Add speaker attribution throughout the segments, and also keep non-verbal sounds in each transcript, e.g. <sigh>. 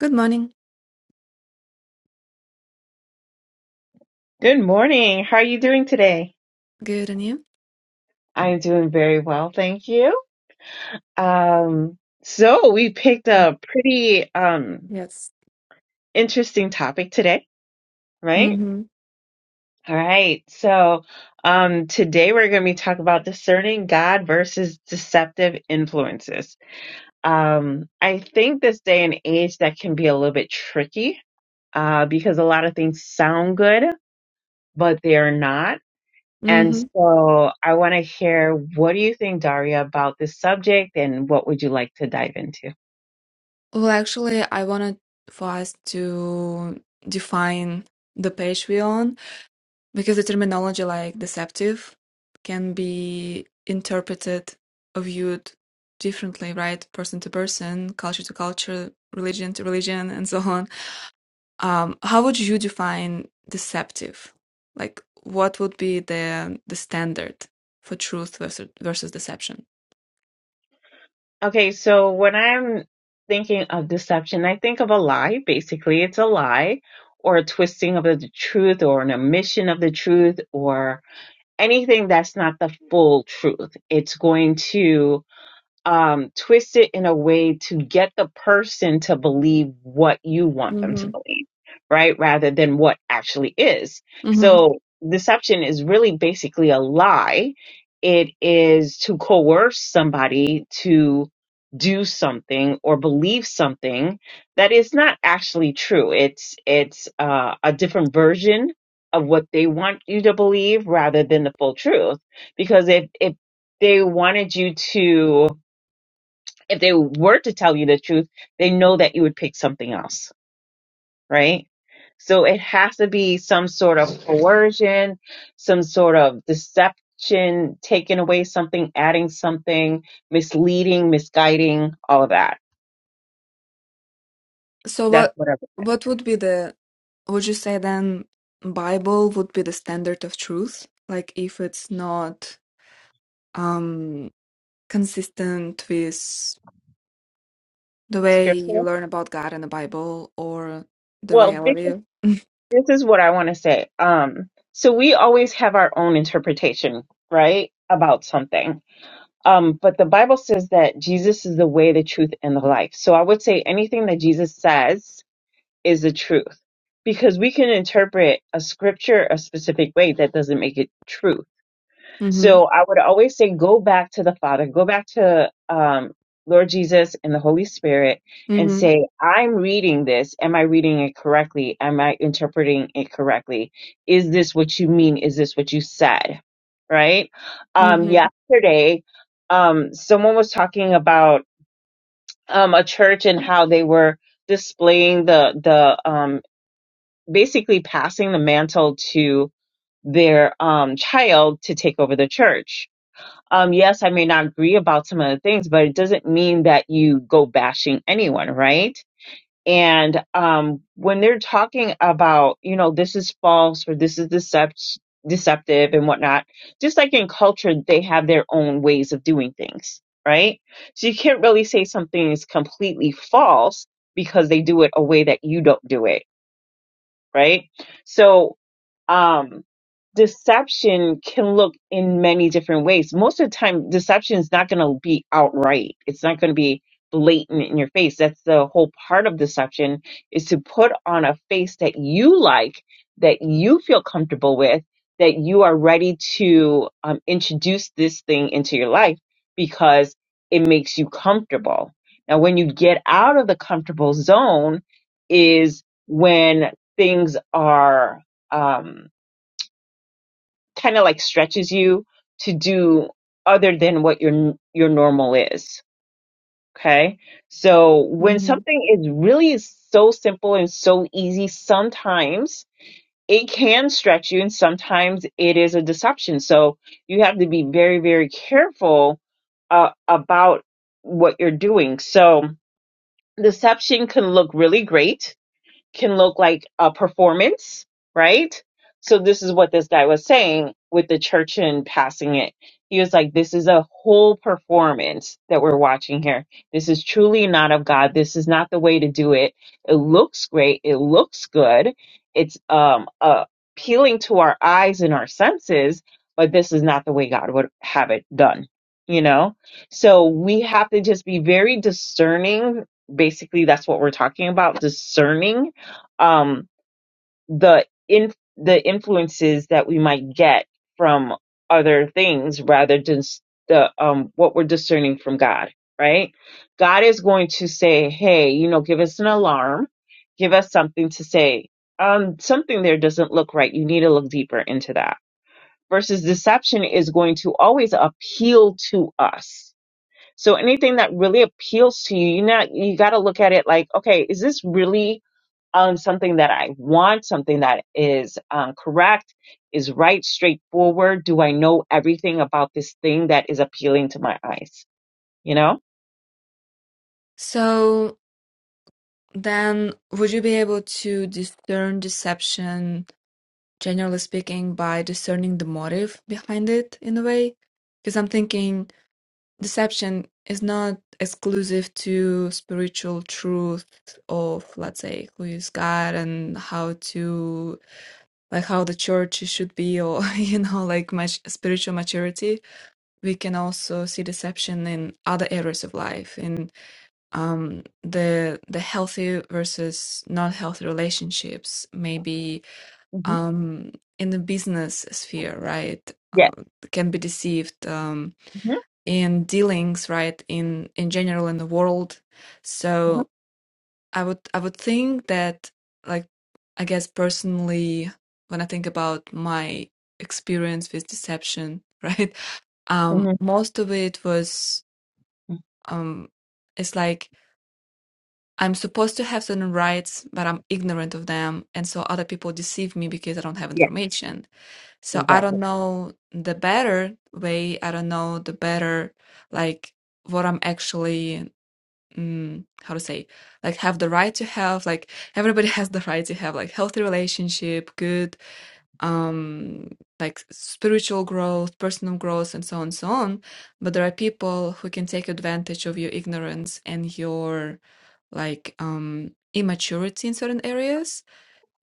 Speaker 1: Good morning.
Speaker 2: Good morning. How are you doing today?
Speaker 1: Good, and you?
Speaker 2: I'm doing very well, thank you. Um, so we picked a pretty um
Speaker 1: Yes.
Speaker 2: interesting topic today, right?
Speaker 1: Mm-hmm.
Speaker 2: All right. So um today we're going to be talking about discerning God versus deceptive influences. Um, I think this day and age that can be a little bit tricky uh because a lot of things sound good, but they are not And
Speaker 1: Mm-hmm.
Speaker 2: so I want to hear what do you think, Daria, about this subject and what would you like to dive into?
Speaker 1: Well, actually, I wanted for us to define the page we're on because the terminology like deceptive can be interpreted or viewed differently, right? Person to person, culture to culture, religion to religion, and so on. Um, how would you define deceptive? Like, what would be the the standard for truth versus versus deception?
Speaker 2: Okay, so when I'm thinking of deception, I think of a lie. Basically, it's a lie or a twisting of the truth or an omission of the truth or anything that's not the full truth. It's going to um, twist it in a way to get the person to believe what you want them to
Speaker 1: Mm-hmm.
Speaker 2: believe, right? Rather than what actually is.
Speaker 1: Mm-hmm.
Speaker 2: So deception is really basically a lie. It is to coerce somebody to do something or believe something that is not actually true. It's, it's, uh, a different version of what they want you to believe rather than the full truth. Because if, if they wanted you to, if they were to tell you the truth, they know that you would pick something else, right? So it has to be some sort of coercion, some sort of deception, taking away something, adding something, misleading, misguiding, all of that.
Speaker 1: So
Speaker 2: That's
Speaker 1: what
Speaker 2: what whatever
Speaker 1: what would be the would you say then Bible would be the standard of truth? Like if it's not um consistent with the way
Speaker 2: scripture.
Speaker 1: you learn about God in the Bible or the
Speaker 2: Well, this is,
Speaker 1: reality. <laughs>
Speaker 2: this is what I want to say. Um, so we always have our own interpretation, right, about something Um, but the Bible says that Jesus is the way, the truth, and the life. So I would say anything that Jesus says is the truth because we can interpret a scripture a specific way that doesn't make it true.
Speaker 1: Mm-hmm.
Speaker 2: So I would always say, go back to the Father, go back to um, Lord Jesus and the Holy Spirit and
Speaker 1: Mm-hmm.
Speaker 2: say, I'm reading this. Am I reading it correctly? Am I interpreting it correctly? Is this what you mean? Is this what you said? Right? Um,
Speaker 1: Mm-hmm.
Speaker 2: yesterday, um, someone was talking about um, a church and how they were displaying the, the, um, basically passing the mantle to their um, child to take over the church um, yes, I may not agree about some of the things, but it doesn't mean that you go bashing anyone, right? And um, when they're talking about, you know, this is false or this is decept- deceptive and whatnot, just like in culture, they have their own ways of doing things, right? So you can't really say something is completely false because they do it a way that you don't do it right? So um deception can look in many different ways. Most of the time deception is not going to be outright. It's not going to be blatant in your face. That's the whole part of deception is to put on a face that you like, that you feel comfortable with, that you are ready to um, introduce this thing into your life because it makes you comfortable. Now when you get out of the comfortable zone is when things are um, kind of like stretches you to do other than what your your normal is. Okay, so when
Speaker 1: Mm-hmm.
Speaker 2: something is really so simple and so easy, sometimes it can stretch you, and sometimes it is a deception. So you have to be very very careful uh, about what you're doing. So deception can look really great can look like a performance, right? So this is what this guy was saying with the church and passing it. He was like, this is a whole performance that we're watching here. This is truly not of God. This is not the way to do it. It looks great. It looks good. It's um uh, appealing to our eyes and our senses, but this is not the way God would have it done, you know? So we have to just be very discerning. Basically, that's what we're talking about, discerning um, the in the influences that we might get from other things rather than s- the um, what we're discerning from God. Right? God is going to say, "Hey, you know, give us an alarm, give us something to say. Um, something there doesn't look right. You need to look deeper into that." Versus deception is going to always appeal to us. So anything that really appeals to you, you not you got to look at it like, okay, is this really um, something that I want, something that is um, correct, is right, straightforward? Do I know everything about this thing that is appealing to my eyes? You know?
Speaker 1: So then would you be able to discern deception generally speaking, by discerning the motive behind it in a way. Because I'm thinking deception is not exclusive to spiritual truth of, let's say, who is God and how to, like, how the church should be, or, <laughs> you know, like much spiritual maturity. We can also see deception in other areas of life, in um, the the healthy versus not healthy relationships, maybe
Speaker 2: Mm-hmm.
Speaker 1: um, in the business sphere, right,
Speaker 2: Yes.
Speaker 1: uh, can be deceived um,
Speaker 2: hmm
Speaker 1: in dealings, right, in in general in the world. So I would I would think that, like, I guess personally, when I think about my experience with deception, <laughs> right, um,
Speaker 2: hmm
Speaker 1: most of it was
Speaker 2: hmm
Speaker 1: um, it's like. I'm supposed to have certain rights, but I'm ignorant of them, and so other people deceive me because I don't have
Speaker 2: Yes,
Speaker 1: information So I
Speaker 2: exactly.
Speaker 1: don't know the better way. I don't know the better, like what I'm actually, mm, how to say, like have the right to have. Like everybody <laughs> has the right to have like healthy relationship, good, um, like spiritual growth, personal growth, and so on so on. But there are people who can take advantage of your ignorance and your like um immaturity in certain areas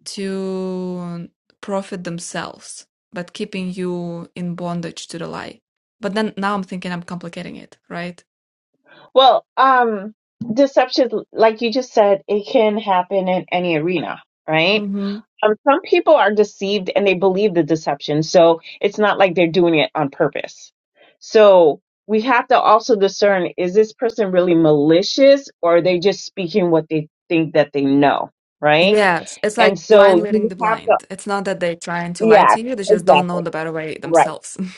Speaker 1: to profit themselves, but keeping you in bondage to the lie. But then now I'm thinking I'm complicating it, right?
Speaker 2: Well, um, deception, like you just said, it can happen in any arena, right?
Speaker 1: hmm
Speaker 2: Um, some people are deceived and they believe the deception. So it's not like they're doing it on purpose. So we have to also discern is this person really malicious or are they just speaking what they think that they know? Right.
Speaker 1: Yes, it's like
Speaker 2: And
Speaker 1: blind
Speaker 2: so
Speaker 1: leading
Speaker 2: you
Speaker 1: the
Speaker 2: have to,
Speaker 1: blind. It's not that they're trying to lie
Speaker 2: yeah,
Speaker 1: to you, they just don't know
Speaker 2: exactly.
Speaker 1: the better way
Speaker 2: Right.
Speaker 1: themselves. <laughs>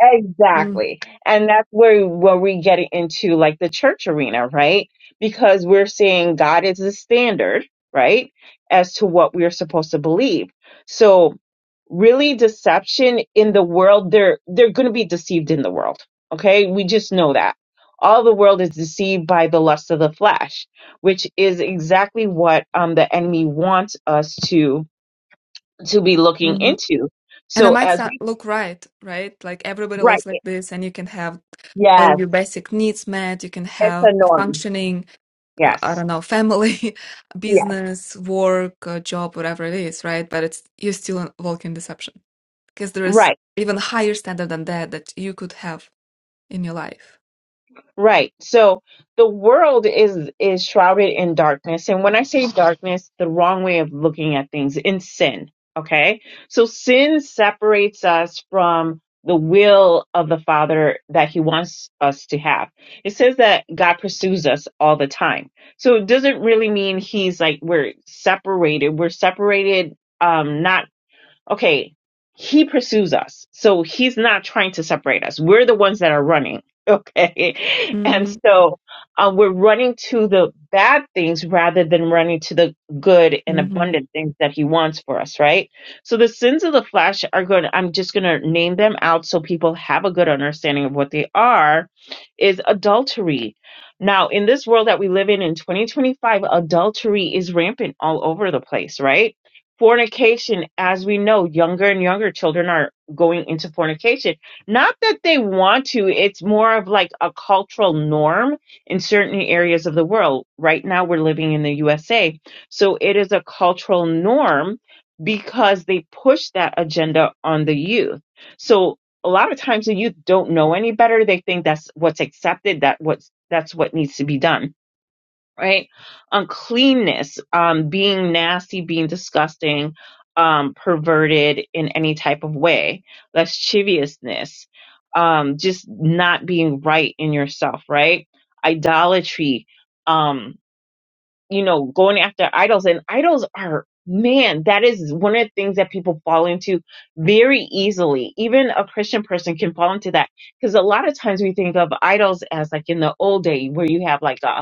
Speaker 2: Exactly. And that's where where we get into like the church arena, right? Because we're seeing God is the standard, right? As to what we're supposed to believe. So really deception in the world, they're they're gonna be deceived in the world. Okay? We just know that. All the world is deceived by the lust of the flesh, which is exactly what um the enemy wants us to to be looking
Speaker 1: Mm-hmm.
Speaker 2: into.
Speaker 1: And it
Speaker 2: So
Speaker 1: might
Speaker 2: as
Speaker 1: start
Speaker 2: we
Speaker 1: look right, right? Like everybody
Speaker 2: right
Speaker 1: lives like this, and you can have all
Speaker 2: yes,
Speaker 1: your basic needs met, you can
Speaker 2: it's
Speaker 1: have
Speaker 2: a
Speaker 1: a
Speaker 2: norm.
Speaker 1: functioning l- I
Speaker 2: Yes.
Speaker 1: don't know, family, <laughs>
Speaker 2: Yes.
Speaker 1: business, work, uh, job, whatever it is, right? But it's you're still in- walking in deception because there is
Speaker 2: Right.
Speaker 1: even higher standard than that that you could have in your life.
Speaker 2: Right. So the world is is shrouded in darkness. And when I say darkness, the wrong way of looking at things in sin. Okay. So sin separates us from the will of the Father that He wants us to have. It says that God pursues us all the time. So it doesn't really mean He's like we're separated. We're separated um not okay, he pursues us. So he's not trying to separate us. We're the ones that are running. Okay. <laughs> And
Speaker 1: hmm
Speaker 2: so um, we're running to the bad things rather than running to the good and
Speaker 1: hmm
Speaker 2: abundant things that he wants for us, right? So the sins of the flesh are going to, I'm just going to name them out so people have a good understanding of what they are, is adultery. Now, in this world that we live in in 2025, adultery is rampant all over the place, right? fornication, as we know, younger and younger children are going into fornication. Not that they want to, it's more of like a cultural norm in certain areas of the world. Right now, we're living in the USA. So it is a cultural norm because they push that agenda on the youth. So a lot of times the youth don't know any better. They think that's what's accepted, that what's that's what needs to be done right? Uncleanness, um, being nasty, being disgusting, um, perverted in any type of way, lasciviousness, um, just not being right in yourself, right? Idolatry, um, you know, going after idols, and idols are man that is one of the things that people fall into very easily even a christian person can fall into that because a lot of times we think of idols as like in the old day where you have like a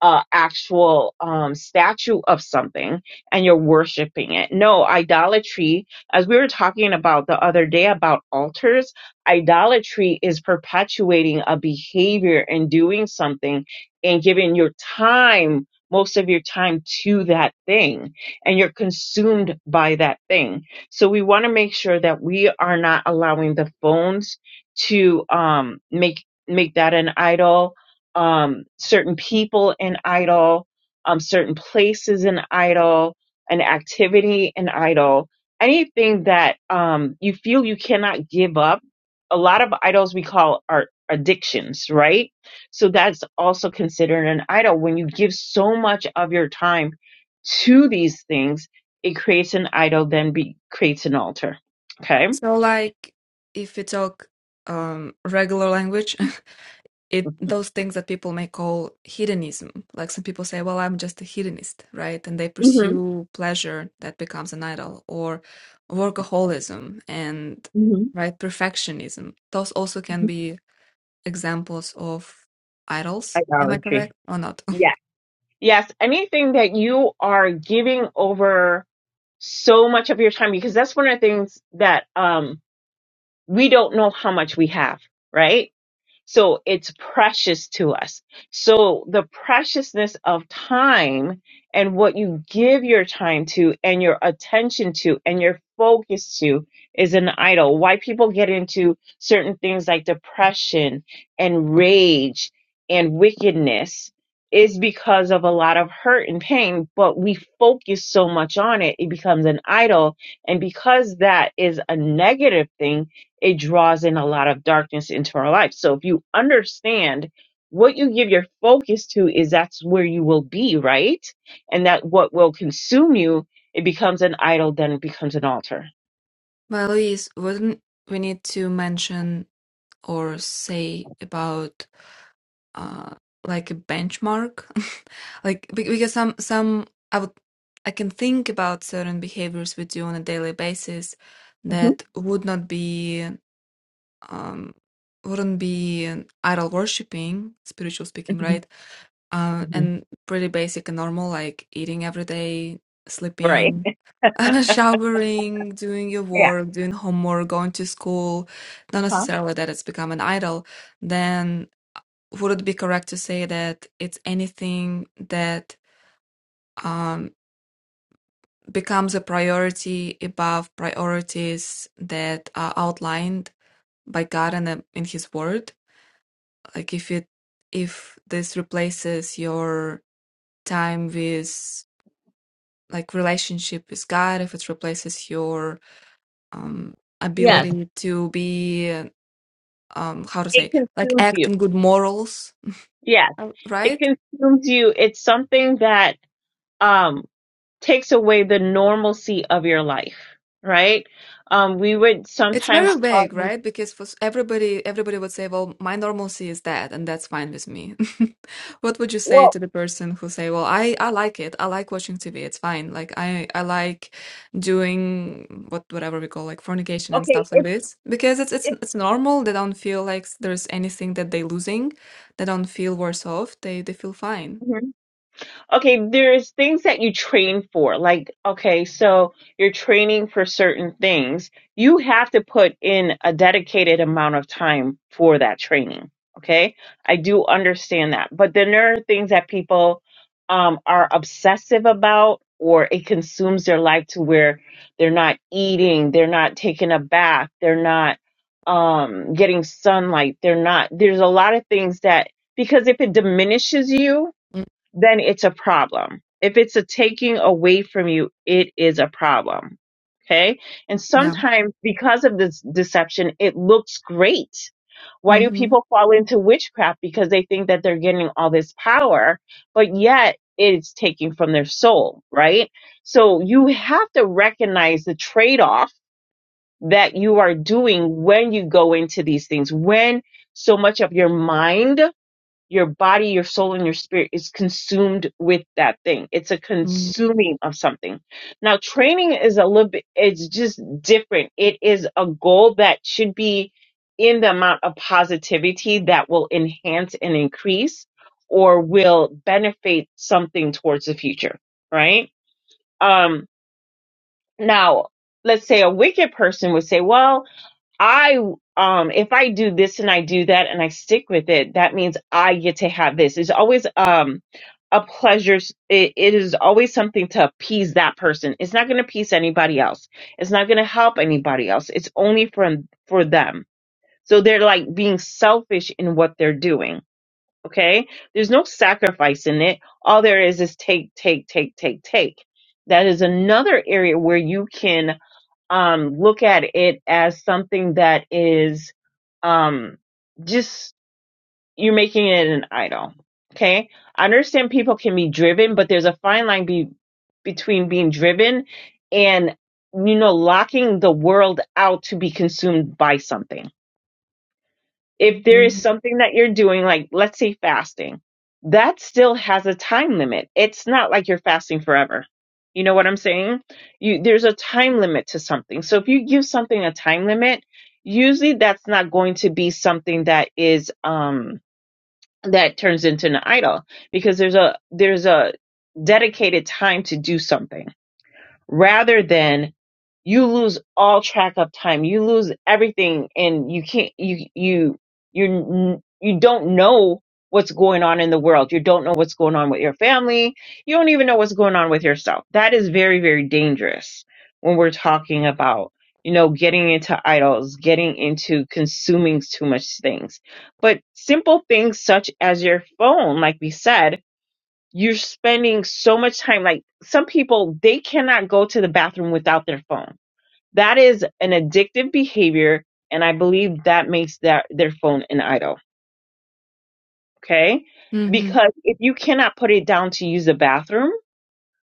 Speaker 2: uh, actual um, statue of something and you're worshiping it. No, idolatry, as we were talking about the other day about altars, idolatry is perpetuating a behavior and doing something and giving your time, most of your time to that thing, and you're consumed by that thing. So we want to make sure that we are not allowing the phones to um, make make that an idol um, certain people in idol, um, certain places in idol, an activity in idol, anything that um, you feel you cannot give up. A lot of idols we call are addictions, right? So that's also considered an idol. When you give so much of your time to these things, it creates an idol, then be, creates an altar. Okay.
Speaker 1: So, like, if we talk um, regular language, <laughs> it those things that people may call hedonism like some people say well i'm just a hedonist right and they
Speaker 2: hmm
Speaker 1: pursue pleasure that becomes an idol or workaholism and
Speaker 2: hmm
Speaker 1: right perfectionism those also can be examples of idols am i correct
Speaker 2: Idolatry.
Speaker 1: or not <laughs>
Speaker 2: Yes. Yes, anything that you are giving over so much of your time, because that's one of the things that um, we don't know how much we have, right? So it's precious to us. So the preciousness of time and what you give your time to and your attention to and your focus to is an idol. Why people get into certain things like depression and rage and wickedness is because of a lot of hurt and pain, but we focus so much on it, it becomes an idol. And because that is a negative thing, it draws in a lot of darkness into our life. So if you understand what you give your focus to is that's where you will be, right? And that what will consume you, it becomes an idol, then it becomes an altar.
Speaker 1: well louise wouldn't we need to mention or say about uh like a benchmark <laughs> like be- because some some i would i can think about certain behaviors we do on a daily basis
Speaker 2: hmm
Speaker 1: that would not be um wouldn't be idol worshiping spiritual speaking right uh,
Speaker 2: hmm
Speaker 1: and pretty basic and normal like eating every day
Speaker 2: Right.
Speaker 1: sleeping <laughs> showering doing your
Speaker 2: Yeah.
Speaker 1: work doing homework going to school not
Speaker 2: Huh?
Speaker 1: necessarily that it's become an idol then would it be correct to say that it's anything that um, becomes a priority above priorities that are outlined by God and uh, in His Word? Like if it if this replaces your time with like relationship with God, if it replaces your um,
Speaker 2: Yes,
Speaker 1: ability to be um, how to
Speaker 2: it
Speaker 1: say like
Speaker 2: consumes
Speaker 1: act
Speaker 2: you.
Speaker 1: on good morals,
Speaker 2: Yes,
Speaker 1: uh,
Speaker 2: it
Speaker 1: right?
Speaker 2: consumes you. It's something that um takes away the normalcy of your life, right? Um, we would
Speaker 1: It's very
Speaker 2: sometimes call
Speaker 1: vague,
Speaker 2: this,
Speaker 1: right? Because for s- everybody, everybody would say, "Well, my normalcy is that, and that's fine with me." <laughs> What would you say
Speaker 2: well,
Speaker 1: to the person who say, "Well, I I like it. I like watching TV. It's fine. Like I I like doing what whatever we call like fornication and
Speaker 2: okay,
Speaker 1: stuff like
Speaker 2: it's
Speaker 1: this because it's it's it's normal. They don't feel like s- there's anything that they're losing. They don't feel worse off. They they feel fine.
Speaker 2: it's Okay, there's things that you train for. Like, okay, so you're training for certain things. You have to put in a dedicated amount of time for that training. Okay, I do understand that. But then there are things that people um, are obsessive about, or it consumes their life to where they're not eating, they're not taking a bath, they're not um, getting sunlight, they're not. There's a lot of things that, because if it diminishes you,
Speaker 1: Mm,
Speaker 2: then it's a problem. If it's a taking away from you, it is a problem. Okay. And
Speaker 1: Yeah.
Speaker 2: sometimes because of this deception, it looks great. Why do
Speaker 1: Mm-hmm.
Speaker 2: people fall into witchcraft? Because they think that they're getting all this power, but yet it's taking from their soul, right? So you have to recognize the trade off that you are doing when you go into these things, when so much of your mind your body, your soul, and your spirit is consumed with that thing. It's a
Speaker 1: Mm-hmm.
Speaker 2: consuming of something. Now, training is a little bit, it's just different. It is a goal that should be in the amount of positivity that will enhance and increase or will benefit something towards the future, right? Um, now, let's say a wicked person would say, well, I um if I do this and I do that and I stick with it, that means I get to have this. It's always um a pleasure. It, it is always something to appease that person. It's not going to appease anybody else. It's not going to help anybody else. It's only from for them. So they're like being selfish in what they're doing. Okay, there's no sacrifice in it. All there is is take, take, take, take, take. That is another area where you can um, look at it as something that is um, just you're making it an idol. Okay, I understand people can be driven, but there's a fine line be, between being driven and you know locking the world out to be consumed by something if there is something that you're doing, like let's say fasting, that still has a time limit. It's not like you're fasting forever. You know what I'm saying? You, there's a time limit to something. So if you give something a time limit, usually that's not going to be something that is, um, that turns into an idol because there's a, there's a dedicated time to do something rather than you lose all track of time you lose everything and you can't you you you you don't know what's going on in the world you don't know what's going on with your family you don't even know what's going on with yourself that is very very dangerous when we're talking about you know getting into idols getting into consuming too much things but simple things such as your phone like we said you're spending so much time. Like some people, they cannot go to the bathroom without their phone. That is an addictive behavior. And I believe that makes that their phone an idol. Okay.
Speaker 1: Mm-hmm.
Speaker 2: Because if you cannot put it down to use the bathroom,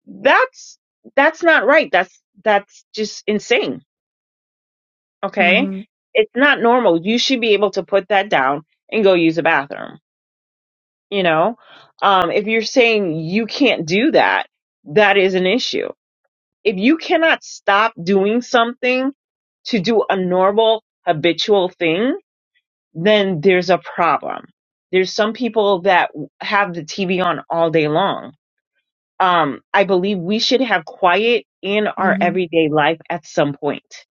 Speaker 2: that's, that's not right. That's, that's just insane. Okay.
Speaker 1: Mm-hmm.
Speaker 2: It's not normal. You should be able to put that down and go use the bathroom. You know, um, if you're saying you can't do that, that is an issue. If you cannot stop doing something to do a normal habitual thing, then there's a problem. There's some people that have the TV on all day long. Um, I believe we should have quiet in our
Speaker 1: Mm-hmm.
Speaker 2: everyday life at some point,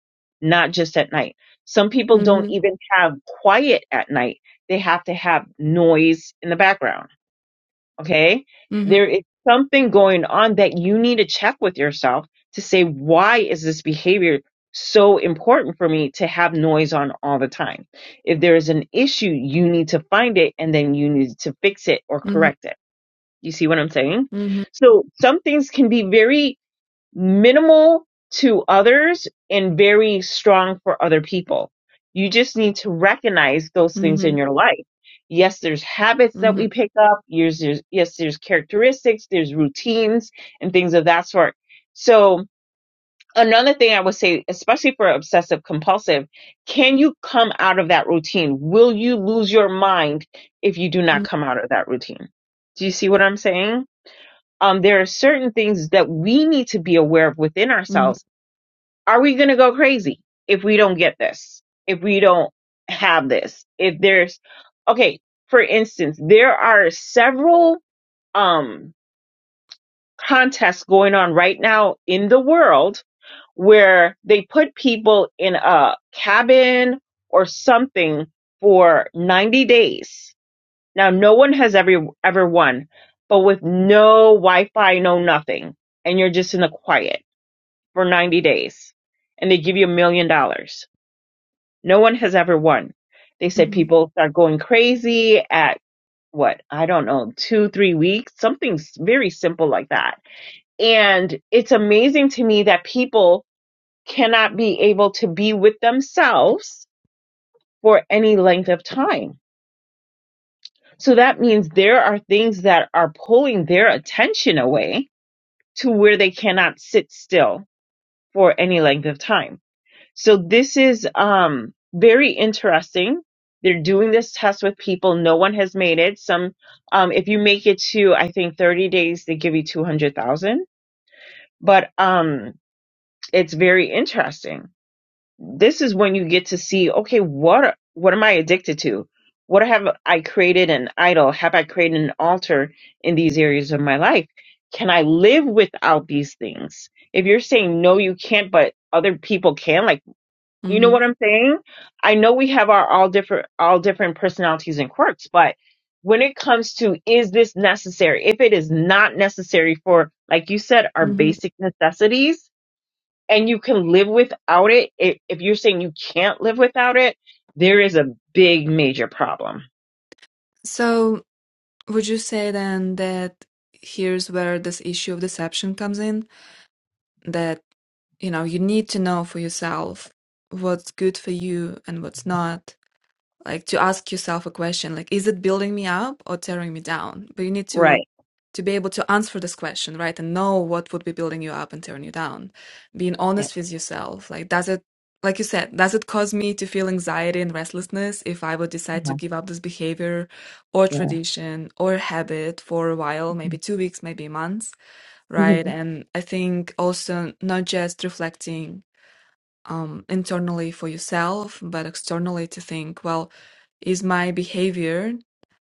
Speaker 2: not just at night. Some people don't
Speaker 1: Mm-hmm.
Speaker 2: even have quiet at night. They have to have noise in the background Okay. There is something going on that you need to check with yourself to say, why is this behavior so important for me to have noise on all the time? If there is an issue, you need to find it and then you need to fix it or correct it. You see what I'm saying?
Speaker 1: Mm-hmm.
Speaker 2: So some things can be very minimal to others and very strong for other people. You just need to recognize those things
Speaker 1: Mm-hmm.
Speaker 2: in your life. Yes, there's habits that
Speaker 1: Mhm,
Speaker 2: we pick up. Yes, there's, yes, there's characteristics, there's routines and things of that sort. So another thing I would say, especially for obsessive compulsive, can you come out of that routine? Will you lose your mind if you do not
Speaker 1: mm,
Speaker 2: come out of that routine? Do you see what I'm saying? um, there are certain things that we need to be aware of within
Speaker 1: mhm,
Speaker 2: ourselves. Are we going to go crazy if we don't get this? If we don't have this? If there's, okay, for instance, there are several, um, contests going on right now in the world where they put people in a cabin or something for 90 days now, no one has ever ever won, but with no Wi-Fi, no nothing, and you're just in the quiet for 90 days, and they give you a million dollars. No one has ever won. They said
Speaker 1: mhm,
Speaker 2: people start going crazy at what I don't know, two, three weeks, something s- very simple like that. And it's amazing to me that people cannot be able to be with themselves for any length of time So that means there are things that are pulling their attention away to where they cannot sit still for any length of time. So this is um, very interesting. They're doing this test with people. No one has made it. Some, um, if you make it to, I think, 30 days, they give you 200,000. But um, it's very interesting this is when you get to see okay what what am i addicted to what have i created an idol have i created an altar in these areas of my life can i live without these things if you're saying no you can't but other people can like you know
Speaker 1: mhm,
Speaker 2: what i'm saying i know we have our all different all different personalities and quirks but when it comes to is this necessary if it is not necessary for like you said our
Speaker 1: mhm.
Speaker 2: basic necessities and you can live without it, if, if you're saying you can't live without it, there is a big major problem.
Speaker 1: So, would you say then that here's where this issue of deception comes in? That, you know, you need to know for yourself what's good for you and what's not, like to ask yourself a question like is it building me up or tearing me down but you need to
Speaker 2: Right.
Speaker 1: to be able to answer this question right and know what would be building you up and tearing you down being
Speaker 2: Yeah.
Speaker 1: honest with yourself like does it like you said does it cause me to feel anxiety and restlessness if i would decide to
Speaker 2: Uh-huh.
Speaker 1: give up this behavior or
Speaker 2: Yeah.
Speaker 1: tradition or habit for a while maybe two weeks maybe months right
Speaker 2: Mhm.
Speaker 1: and i think also not just reflecting um, internally for yourself, but externally to think, well, is my behavior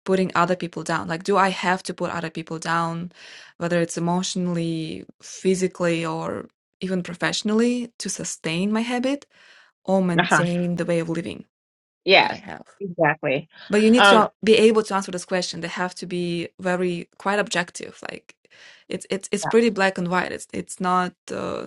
Speaker 1: putting other people down? Like, do I have to put other people down, whether it's emotionally, physically, or even professionally, to sustain my habit or
Speaker 2: Uh-huh.
Speaker 1: maintain the way of living that I
Speaker 2: Yes,
Speaker 1: have?
Speaker 2: exactly.
Speaker 1: But you need to
Speaker 2: Um,
Speaker 1: be able to answer this question. They have to be very quite objective. Like, it's it's it's pretty black and white. It's it's not uh,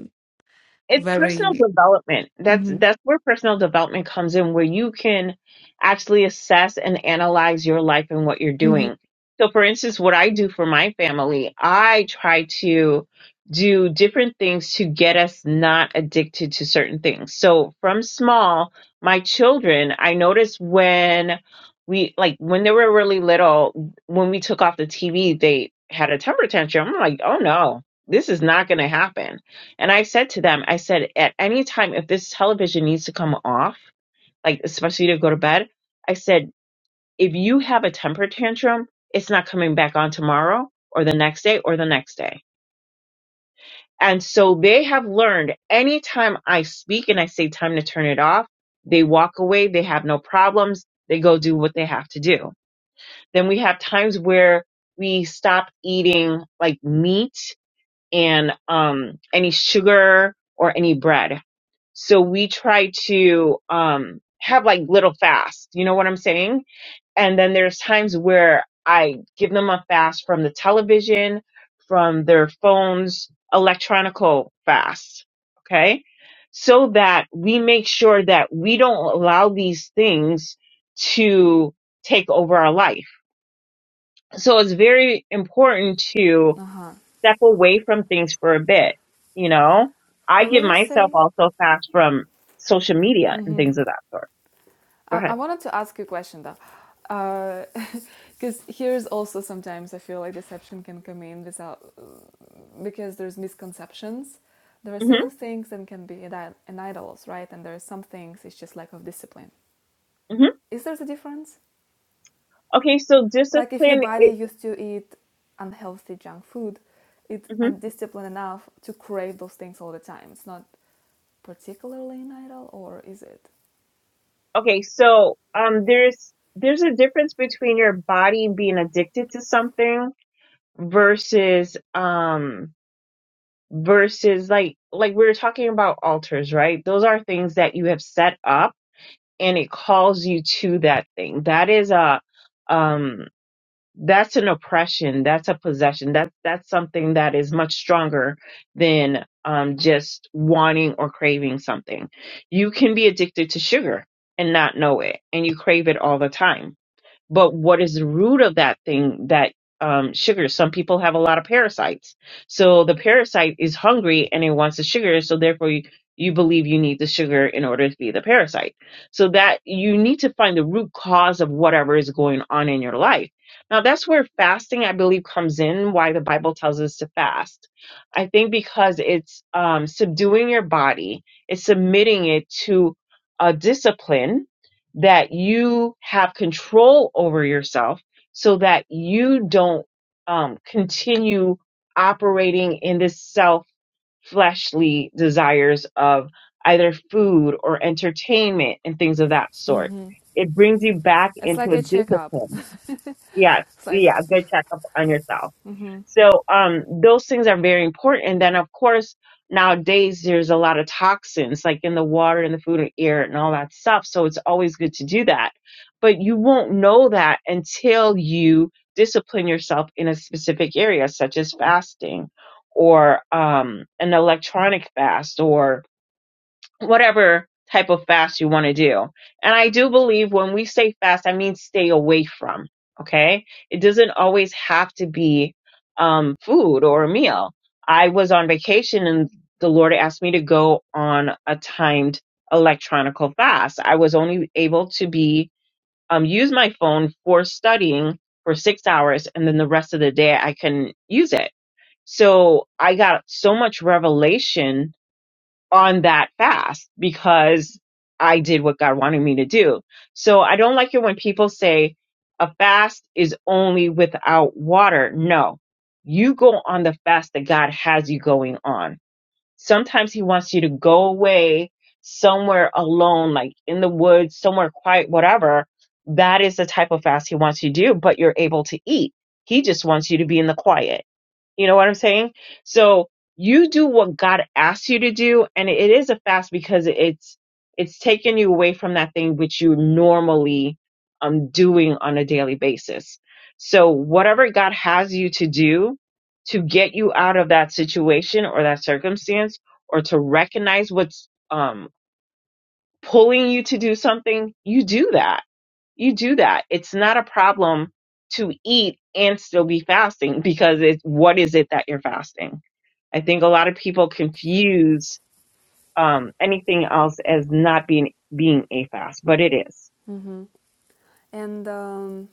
Speaker 2: it's personal
Speaker 1: very.
Speaker 2: development that's
Speaker 1: Mm-hmm.
Speaker 2: that's where personal development comes in where you can actually assess and analyze your life and what you're doing so for instance what i do for my family i try to do different things to get us not addicted to certain things so from small my children i noticed when we like when they were really little when we took off the tv they had a temper tantrum i'm like oh no this is not going to happen and I said to them, I said, at any time, if this television needs to come off, like especially to go to bed, I said, if you have a temper tantrum, it's not coming back on tomorrow or the next day or the next day. And so they have learned anytime I speak and I say time to turn it off, they walk away, they have no problems, they go do what they have to do. Then we have times where we stop eating like meat and um any sugar or any bread So we try to um, have like little fasts. You know what I'm saying? And then there's times where I give them a fast from the television, from their phones, electronical fast. Okay. So that we make sure that we don't allow these things to take over our life. So it's very important to
Speaker 1: Mm-hmm.
Speaker 2: step away from things for a bit. You know, I
Speaker 1: What
Speaker 2: give
Speaker 1: would you
Speaker 2: myself
Speaker 1: say?
Speaker 2: also fast from social media and things of that sort. Go
Speaker 1: I, I
Speaker 2: ahead.
Speaker 1: wanted to ask you a question though. Because here is <laughs> also sometimes I feel like deception can come in without, because there's misconceptions. There are
Speaker 2: hmm
Speaker 1: certain things that can be an idols, right? And there are some things it's just lack of discipline.
Speaker 2: hmm
Speaker 1: Is there a difference?
Speaker 2: Okay, so
Speaker 1: Like if your
Speaker 2: discipline.
Speaker 1: body
Speaker 2: It,
Speaker 1: used to eat unhealthy junk food, it's
Speaker 2: mhm.
Speaker 1: undisciplined enough to crave those things all the time. It's not particularly an idol, or is it?
Speaker 2: Okay, so um, there's there's a difference between your body being addicted to something versus um versus like like we were talking about altars, right? Those are things that you have set up and it calls you to that thing. That is a um that's an oppression that's a possession that that's something that is much stronger than um just wanting or craving something you can be addicted to sugar and not know it and you crave it all the time but what is the root of that thing that um, sugar some people have a lot of parasites so the parasite is hungry and it wants the sugar so therefore you, you believe you need the sugar in order to be the parasite so that you need to find the root cause of whatever is going on in your life now that's where fasting i believe comes in why the bible tells us to fast i think because it's um, subduing your body it's submitting it to a discipline that you have control over yourself so that you don't um, continue operating in this self fleshly desires of either food or entertainment and things of that sort. It brings you back
Speaker 1: It's
Speaker 2: into
Speaker 1: like
Speaker 2: a
Speaker 1: a checkup.
Speaker 2: discipline. Yes.
Speaker 1: It's like
Speaker 2: Yeah. Good checkup on yourself. So um, those things are very important. And then, of course, nowadays there's a lot of toxins like in the water and the food and air and all that stuff. So it's always good to do that. But you won't know that until you discipline yourself in a specific area, such as fasting or um, an electronic fast or whatever type of fast you want to do. And I do believe when we say fast, I mean stay away from. Okay. It doesn't always have to be um, food or a meal. I was on vacation and the Lord asked me to go on a timed electronical fast. I was only able to be, um, use my phone for studying for six hours and then the rest of the day I couldn't use it. So I got so much revelation on that fast because I did what God wanted me to do. So I don't like it when people say a fast is only without water. No, you go on the fast that God has you going on. Sometimes He wants you to go away somewhere alone, like in the woods, somewhere quiet, whatever. That is the type of fast He wants you to do, but you're able to eat. He just wants you to be in the quiet you know what I'm saying? So you do what God asks you to do, and it is a fast because it's it's taking you away from that thing which you normally um doing on a daily basis. So whatever God has you to do to get you out of that situation or that circumstance, or to recognize what's um pulling you to do something, you do that you do that. It's not a problem to eat and still be fasting because it's what is it that you're fasting? I think a lot of people confuse um, anything else as not being being a fast, but it is.
Speaker 1: And um,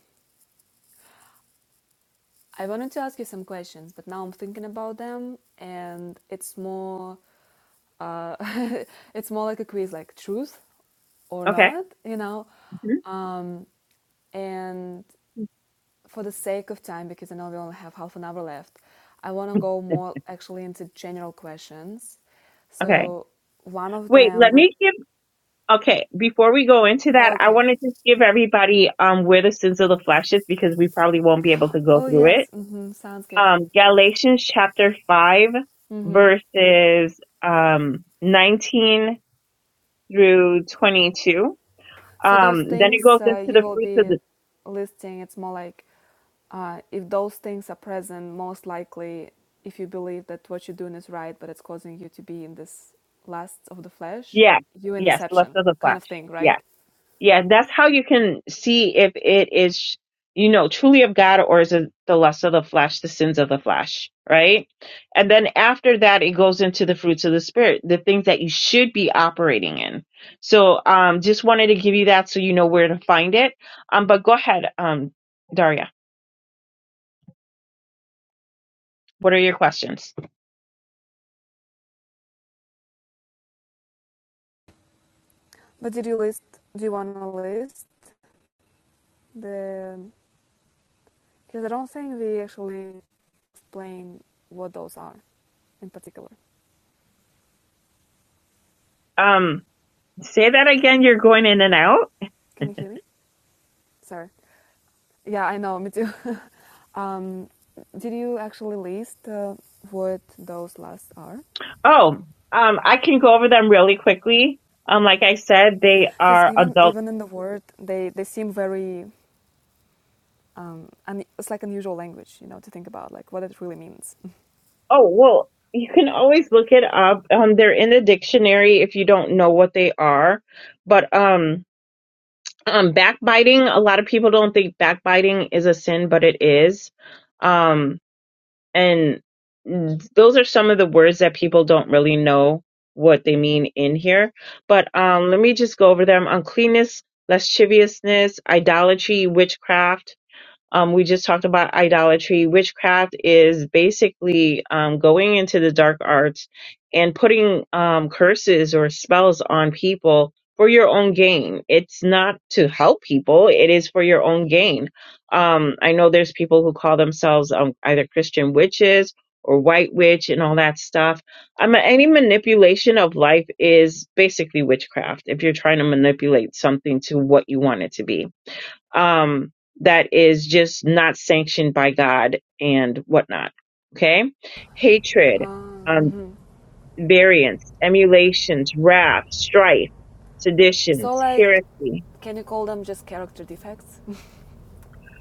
Speaker 1: I wanted to ask you some questions, but now I'm thinking about them, and it's more uh, <laughs> it's more like a quiz, like truth or
Speaker 2: Okay.
Speaker 1: not, you know.
Speaker 2: Mhm.
Speaker 1: Um, and for the sake of time, because I know we only have half an hour left, I want to go more actually into general questions.
Speaker 2: Okay.
Speaker 1: So one of
Speaker 2: Wait,
Speaker 1: them
Speaker 2: let
Speaker 1: would,
Speaker 2: me give okay, before we go into that, I
Speaker 1: okay.
Speaker 2: want to just give everybody um where the sins of the flesh is because we probably won't be able to go
Speaker 1: Oh
Speaker 2: through
Speaker 1: yes,
Speaker 2: it.
Speaker 1: hmm sounds good.
Speaker 2: Um Galatians chapter 5 verses um 19 through 22.
Speaker 1: So those
Speaker 2: Um, then it
Speaker 1: things
Speaker 2: goes
Speaker 1: uh,
Speaker 2: into
Speaker 1: you
Speaker 2: the
Speaker 1: will
Speaker 2: fruits of
Speaker 1: be
Speaker 2: the,
Speaker 1: listing. It's more like uh, if those things are present, most likely if you believe that what you're doing is right, but it's causing you to be in this lust of the flesh,
Speaker 2: yeah,
Speaker 1: you in
Speaker 2: yes, lust
Speaker 1: deception
Speaker 2: of the
Speaker 1: kind
Speaker 2: flesh.
Speaker 1: of thing,
Speaker 2: Yeah,
Speaker 1: right?
Speaker 2: yeah, that's how you can see if it is, you know, truly of God or is it the lust of the flesh, the sins of the flesh, right? And then after that, it goes into the fruits of the spirit, the things that you should be operating in. So, um, just wanted to give you that so you know where to find it. Um, but go ahead, um, Daria, what are your questions?
Speaker 1: But did you list? Do you want to list the? Because I don't think we actually explain what those are in particular.
Speaker 2: Um, say that again. You're going in and out.
Speaker 1: Can you hear me? Sorry. Yeah, I know, me too. <laughs> um, did you actually list uh, what those last are?
Speaker 2: Oh, um, I can go over them really quickly. Um, like I said, they
Speaker 1: Because
Speaker 2: are
Speaker 1: even
Speaker 2: adult.
Speaker 1: even in the word, they, they seem very, un- it's like unusual language, you know, to think about like what it really means.
Speaker 2: Oh, well, you can always look it up. Um, they're in the dictionary if you don't know what they are. But um, um, backbiting. A lot of people don't think backbiting is a sin, but it is. Um, and those are some of the words that people don't really know what they mean in here. But um, let me just go over them: uncleanness, lasciviousness, idolatry, witchcraft Um, we just talked about idolatry. Witchcraft is basically um, going into the dark arts and putting um, curses or spells on people for your own gain. It's not to help people, it is for your own gain. Um, I know there's people who call themselves um, either Christian witches or white witch and all that stuff. Um, any manipulation of life is basically witchcraft if you're trying to manipulate something to what you want it to be um, that is just not sanctioned by God and whatnot. Okay. Hatred,
Speaker 1: Um,
Speaker 2: um, variance, emulations, wrath, strife, seditions,
Speaker 1: So, like,
Speaker 2: heresy.
Speaker 1: can you call them just character defects?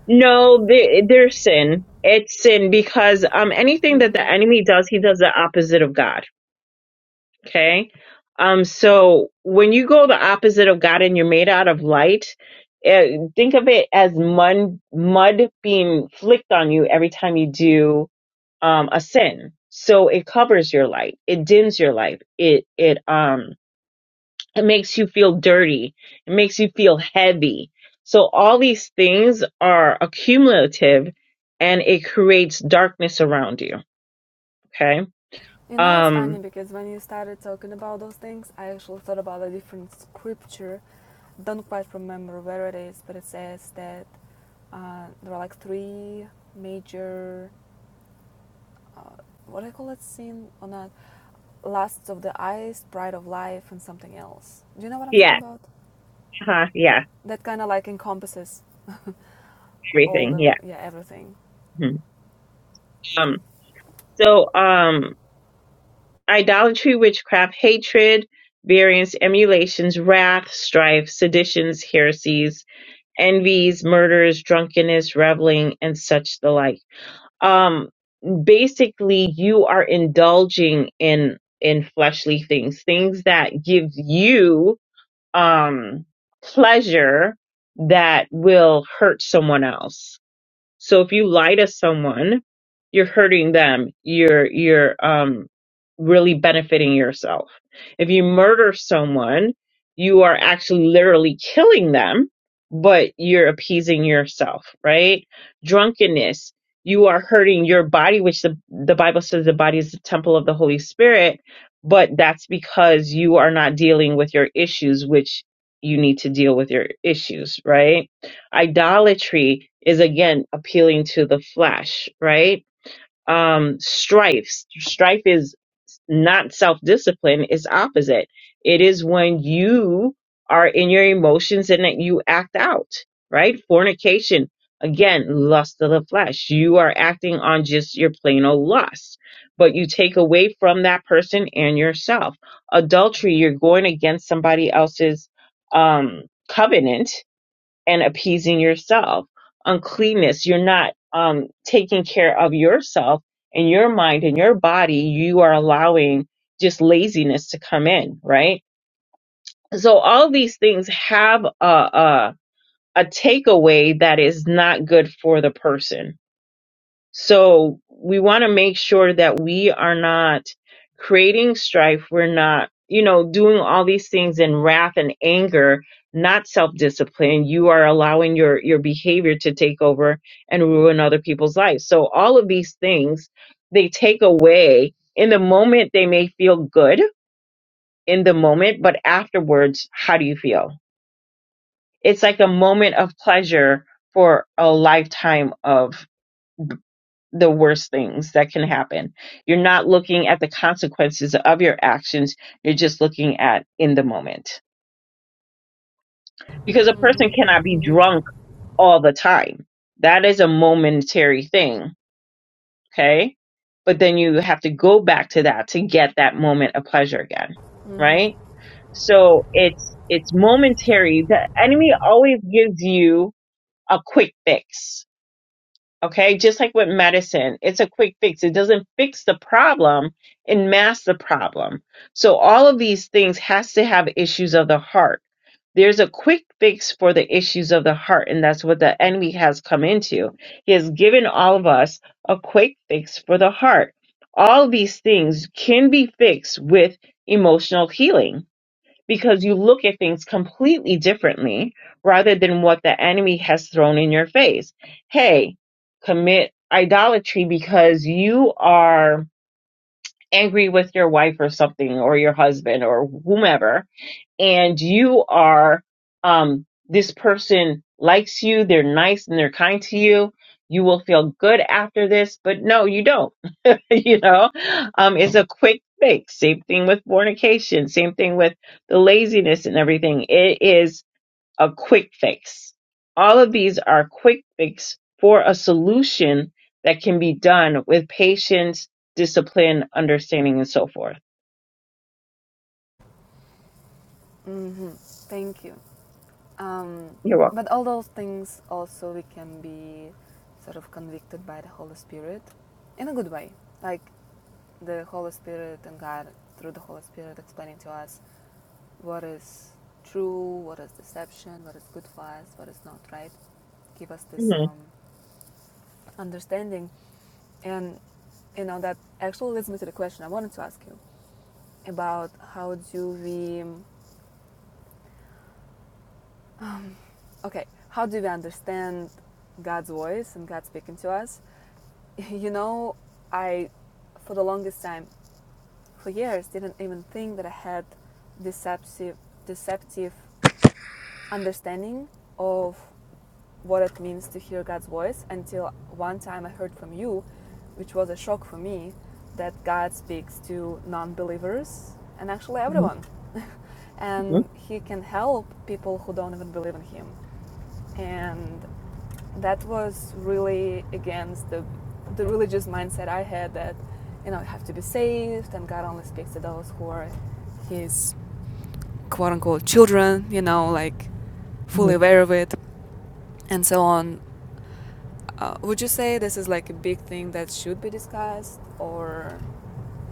Speaker 2: No, they- they're sin. It's sin because, um, anything that the enemy does, he does the opposite of God. Okay. Um, so when you go the opposite of God and you're made out of light, uh, think of it as mud, mud being flicked on you every time you do um, a sin. So it covers your light. It dims your light. It it um it makes you feel dirty. It makes you feel heavy. So all these things are accumulative and it creates darkness around you. Okay.
Speaker 1: <laughs> you know, it's funny
Speaker 2: Um
Speaker 1: because when you started talking about those things, I actually thought about a different scripture. Don't quite remember where it is, but it says that uh, there are like three major what do I call that scene or not? Last of the Eyes, Pride of Life, and something else. Do you know what I'm talking
Speaker 2: yeah,
Speaker 1: about?
Speaker 2: huh, yeah,
Speaker 1: That kind of like encompasses all
Speaker 2: everything.
Speaker 1: the
Speaker 2: Yeah.
Speaker 1: yeah everything.
Speaker 2: Mhm. Um so um idolatry, witchcraft, hatred, variance, emulations, wrath, strife, seditions, heresies, envies, murders, drunkenness, reveling, and such the like. Um, basically, you are indulging in in fleshly things, things that give you um, pleasure that will hurt someone else. So if you lie to someone, you're hurting them. You're you're um really benefiting yourself. If you murder someone, you are actually literally killing them, but you're appeasing yourself, right? Drunkenness, you are hurting your body, which the, the Bible says the body is the temple of the Holy Spirit, but that's because you are not dealing with your issues, which you need to deal with your issues, right? idolatry is again appealing to the flesh, right? Um, strife, strife is not self discipline, it's opposite. It is when you are in your emotions and that you act out, right? Fornication, again, lust of the flesh. You are acting on just your plain old lust, but you take away from that person and yourself. Adultery, you're going against somebody else's um, covenant and appeasing yourself. Uncleanness, you're not um, taking care of yourself and your mind and your body. You are allowing just laziness to come in, right? So all these things have a, a, a takeaway that is not good for the person so we want to make sure that we are not creating strife. We're not, you know, doing all these things in wrath and anger, not self-discipline. You are allowing your, your behavior to take over and ruin other people's lives. So all of these things, they take away in the moment. They may feel good in the moment, but afterwards, how do you feel? It's like a moment of pleasure for a lifetime of the worst things that can happen. You're not looking at the consequences of your actions. You're just looking at in the moment. Because a person cannot be drunk all the time. That is a momentary thing. Okay. But then you have to go back to that to get that moment of pleasure again. Right. So it's, it's momentary. The enemy always gives you a quick fix Okay, just like with medicine, it's a quick fix. It doesn't fix the problem, it masks the problem. So all of these things has to have issues of the heart. There's a quick fix for the issues of the heart, and that's what the enemy has come into. He has given all of us a quick fix for the heart. All of these things can be fixed with emotional healing because you look at things completely differently rather than what the enemy has thrown in your face. Hey, commit idolatry because you are angry with your wife or something or your husband or whomever and you are um this person likes you, they're nice and they're kind to you. You will feel good after this, but no, you don't <laughs> you know um it's a quick fix same thing with fornication same thing with the laziness and everything it is a quick fix all of these are quick fix for a solution that can be done with patience discipline understanding and so forth
Speaker 1: hmm Thank you. Um,
Speaker 2: you're welcome
Speaker 1: but all those things also we can be sort of convicted by the Holy Spirit in a good way, like the Holy Spirit and God through the Holy Spirit explaining to us what is true, what is deception, what is good for us, what is not right. Give us this
Speaker 2: Mhm,
Speaker 1: um, understanding and you know that actually leads me to the question i wanted to ask you about how do we okay how do we understand god's voice and god speaking to us <laughs> you know i for the longest time for years didn't even think that i had deceptive deceptive understanding of what it means to hear God's voice until one time I heard from you, which was a shock for me, that God speaks to non believers and actually
Speaker 2: mhm,
Speaker 1: everyone. <laughs>
Speaker 2: mhm,
Speaker 1: and He can help people who don't even believe in Him. And that was really against the, the religious mindset I had that, you know, you have to be saved and God only speaks to those who are His quote unquote children, you know, like
Speaker 2: mhm.
Speaker 1: fully aware of it and so on. Uh, would you say this is like a big thing that should be discussed, or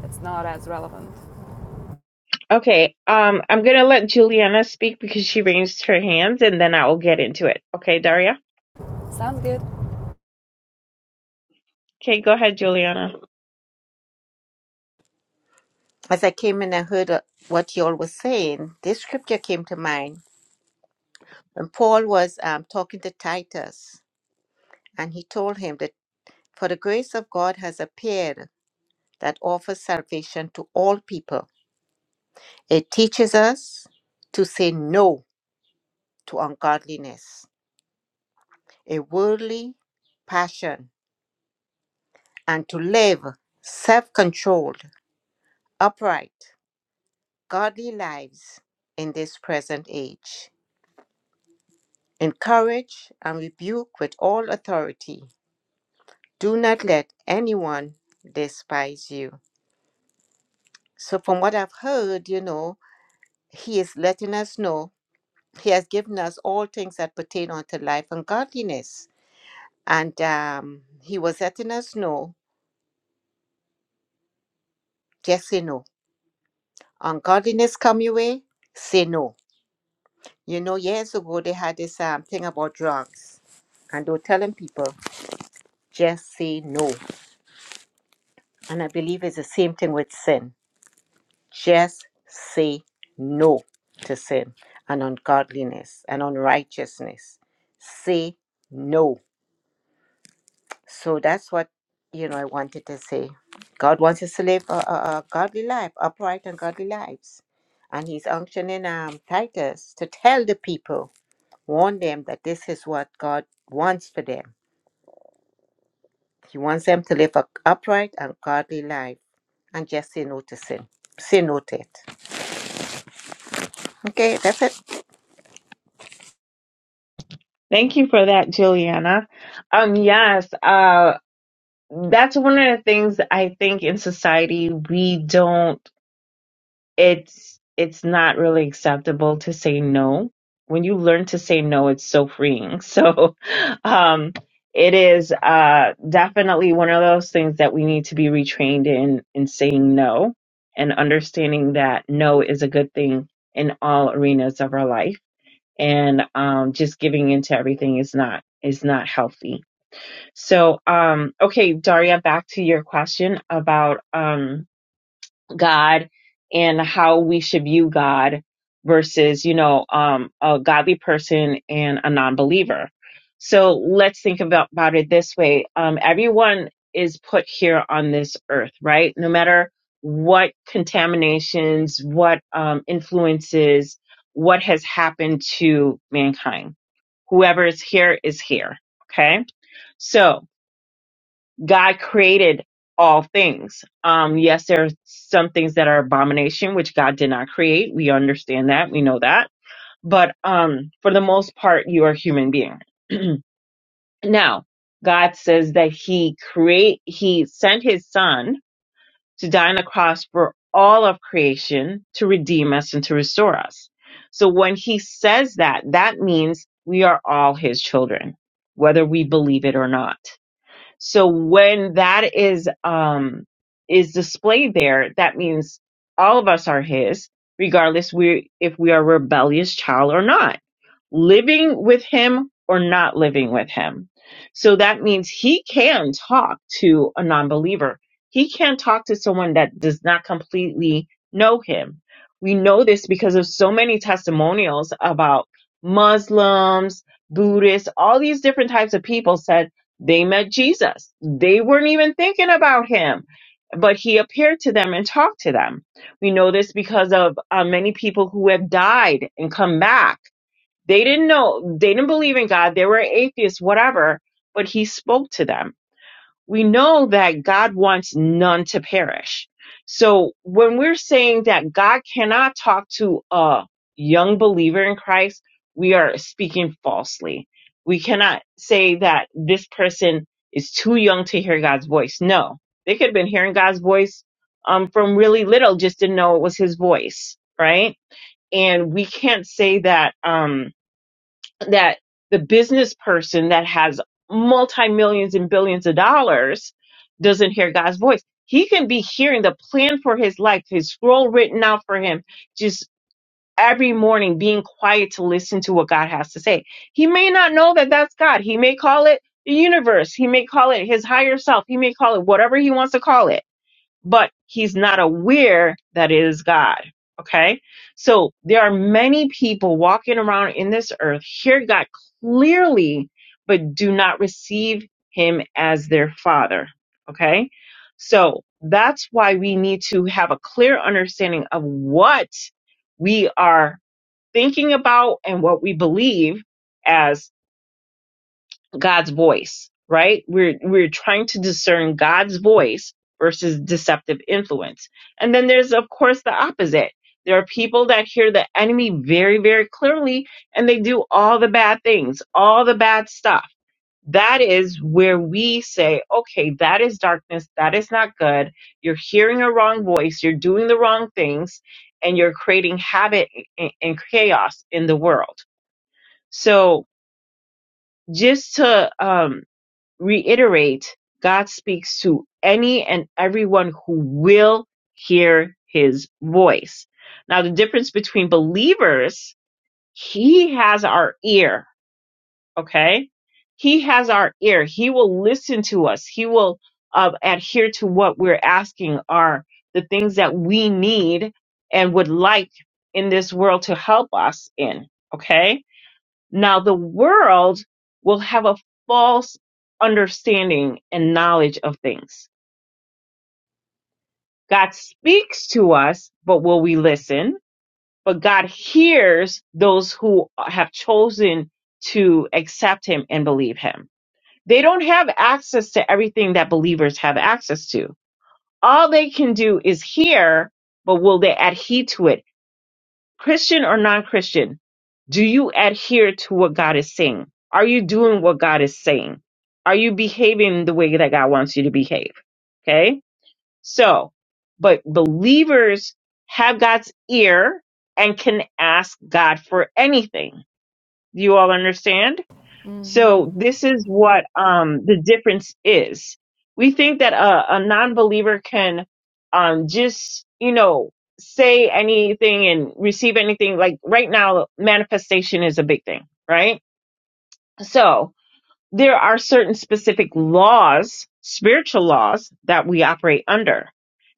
Speaker 1: it's not as relevant?
Speaker 2: Okay, um, I'm gonna let Juliana speak because she raised her hand, and then I will get into it. Okay, Daria.
Speaker 1: Sounds good.
Speaker 2: Okay, go ahead, Juliana.
Speaker 3: As I came in, I heard uh, what you all were saying. This scripture came to mind when Paul was um, talking to Titus, and he told him that for the grace of God has appeared that offers salvation to all people. It teaches us to say no to ungodliness, a worldly passion, and to live self controlled, upright, godly lives in this present age. Encourage and rebuke with all authority. Do not let anyone despise you. So, from what I've heard, you know, he is letting us know he has given us all things that pertain unto life and godliness. And um, he was letting us know just say no. Ungodliness come your way, say no. You know, years ago they had this um, thing about drugs, and they were telling people just say no. And I believe it's the same thing with sin Just say no to sin and ungodliness and unrighteousness. Say no. So that's what you know I wanted to say. God wants us to live a, a, a godly life, upright and godly lives. And he's unctioning um, Titus to tell the people, warn them that this is what God wants for them. He wants them to live a upright and godly life and just say no to sin. Say no to it. Okay, that's it.
Speaker 2: Thank you for that, Juliana. Um, yes, uh, that's one of the things I think in society we don't. it's it's not really acceptable to say no. When you learn to say no, it's so freeing. So <laughs> um it is uh definitely one of those things that we need to be retrained in in saying no and understanding that no is a good thing in all arenas of our life and um just giving into everything is not is not healthy. So um okay, Daria, back to your question about um God and how we should view God versus, you know, um, a godly person and a non believer. So let's think about, about it this way. Um, everyone is put here on this earth, right? No matter what contaminations, what um, influences, what has happened to mankind. Whoever is here is here. Okay. So God created all things. Um, yes, there are some things that are abomination, which God did not create. We understand that. We know that. But um, for the most part, you are a human being. <clears throat> now, God says that He create He sent His Son to die on the cross for all of creation to redeem us and to restore us. So when He says that, that means we are all His children, whether we believe it or not so when that is um is displayed there, that means all of us are his, regardless we if we are a rebellious child or not, living with him or not living with him. So that means he can talk to a non-believer. He can talk to someone that does not completely know him. We know this because of so many testimonials about Muslims, Buddhists, all these different types of people said. They met Jesus. They weren't even thinking about him, but he appeared to them and talked to them. We know this because of uh, many people who have died and come back. They didn't know, they didn't believe in God. They were atheists, whatever, but he spoke to them we know that God wants none to perish. So when we're saying that God cannot talk to a young believer in Christ, we are speaking falsely. We cannot say that this person is too young to hear God's voice. No, they could have been hearing God's voice um, from really little, just didn't know it was his voice, right? And we can't say that. Um, that the business person that has multi millions and billions of dollars doesn't hear God's voice. He can be hearing the plan for his life, his scroll written out for him, just every morning being quiet to listen to what God has to say. He may not know that that's God. He may call it the universe. He may call it his higher self. He may call it whatever he wants to call it but he's not aware that it is God. Okay. So there are many people walking around in this earth, hear God clearly, but do not receive him as their father. Okay. So that's why we need to have a clear understanding of what we are thinking about and what we believe as. God's voice, right? We're we're trying to discern God's voice versus deceptive influence. And then there's of course the opposite. There are people that hear the enemy very very clearly and they do all the bad things, all the bad stuff. That is where we say, okay, that is darkness, that is not good. You're hearing a wrong voice, you're doing the wrong things, and you're creating havoc and and chaos in the world. So just to um, reiterate, God speaks to any and everyone who will hear his voice. Now, the difference between believers, he has our ear, okay? He has our ear. He will listen to us. He will uh, adhere to what we're asking are the things that we need and would like in this world to help us in, okay? Now the world will have a false understanding and knowledge of things. God speaks to us, but will we listen? But God hears those who have chosen to accept him and believe him. They don't have access to everything that believers have access to. All they can do is hear, but will they adhere to it? Christian or non Christian, do you adhere to what God is saying? Are you doing what God is saying? Are you behaving the way that God wants you to behave? Okay. So, but believers have God's ear and can ask God for anything. Do you all understand? So this is what um, the difference is. We think that a, a non-believer can um, just, you know, say anything and receive anything. Like right now, manifestation is a big thing, right? So there are certain specific laws, spiritual laws that we operate under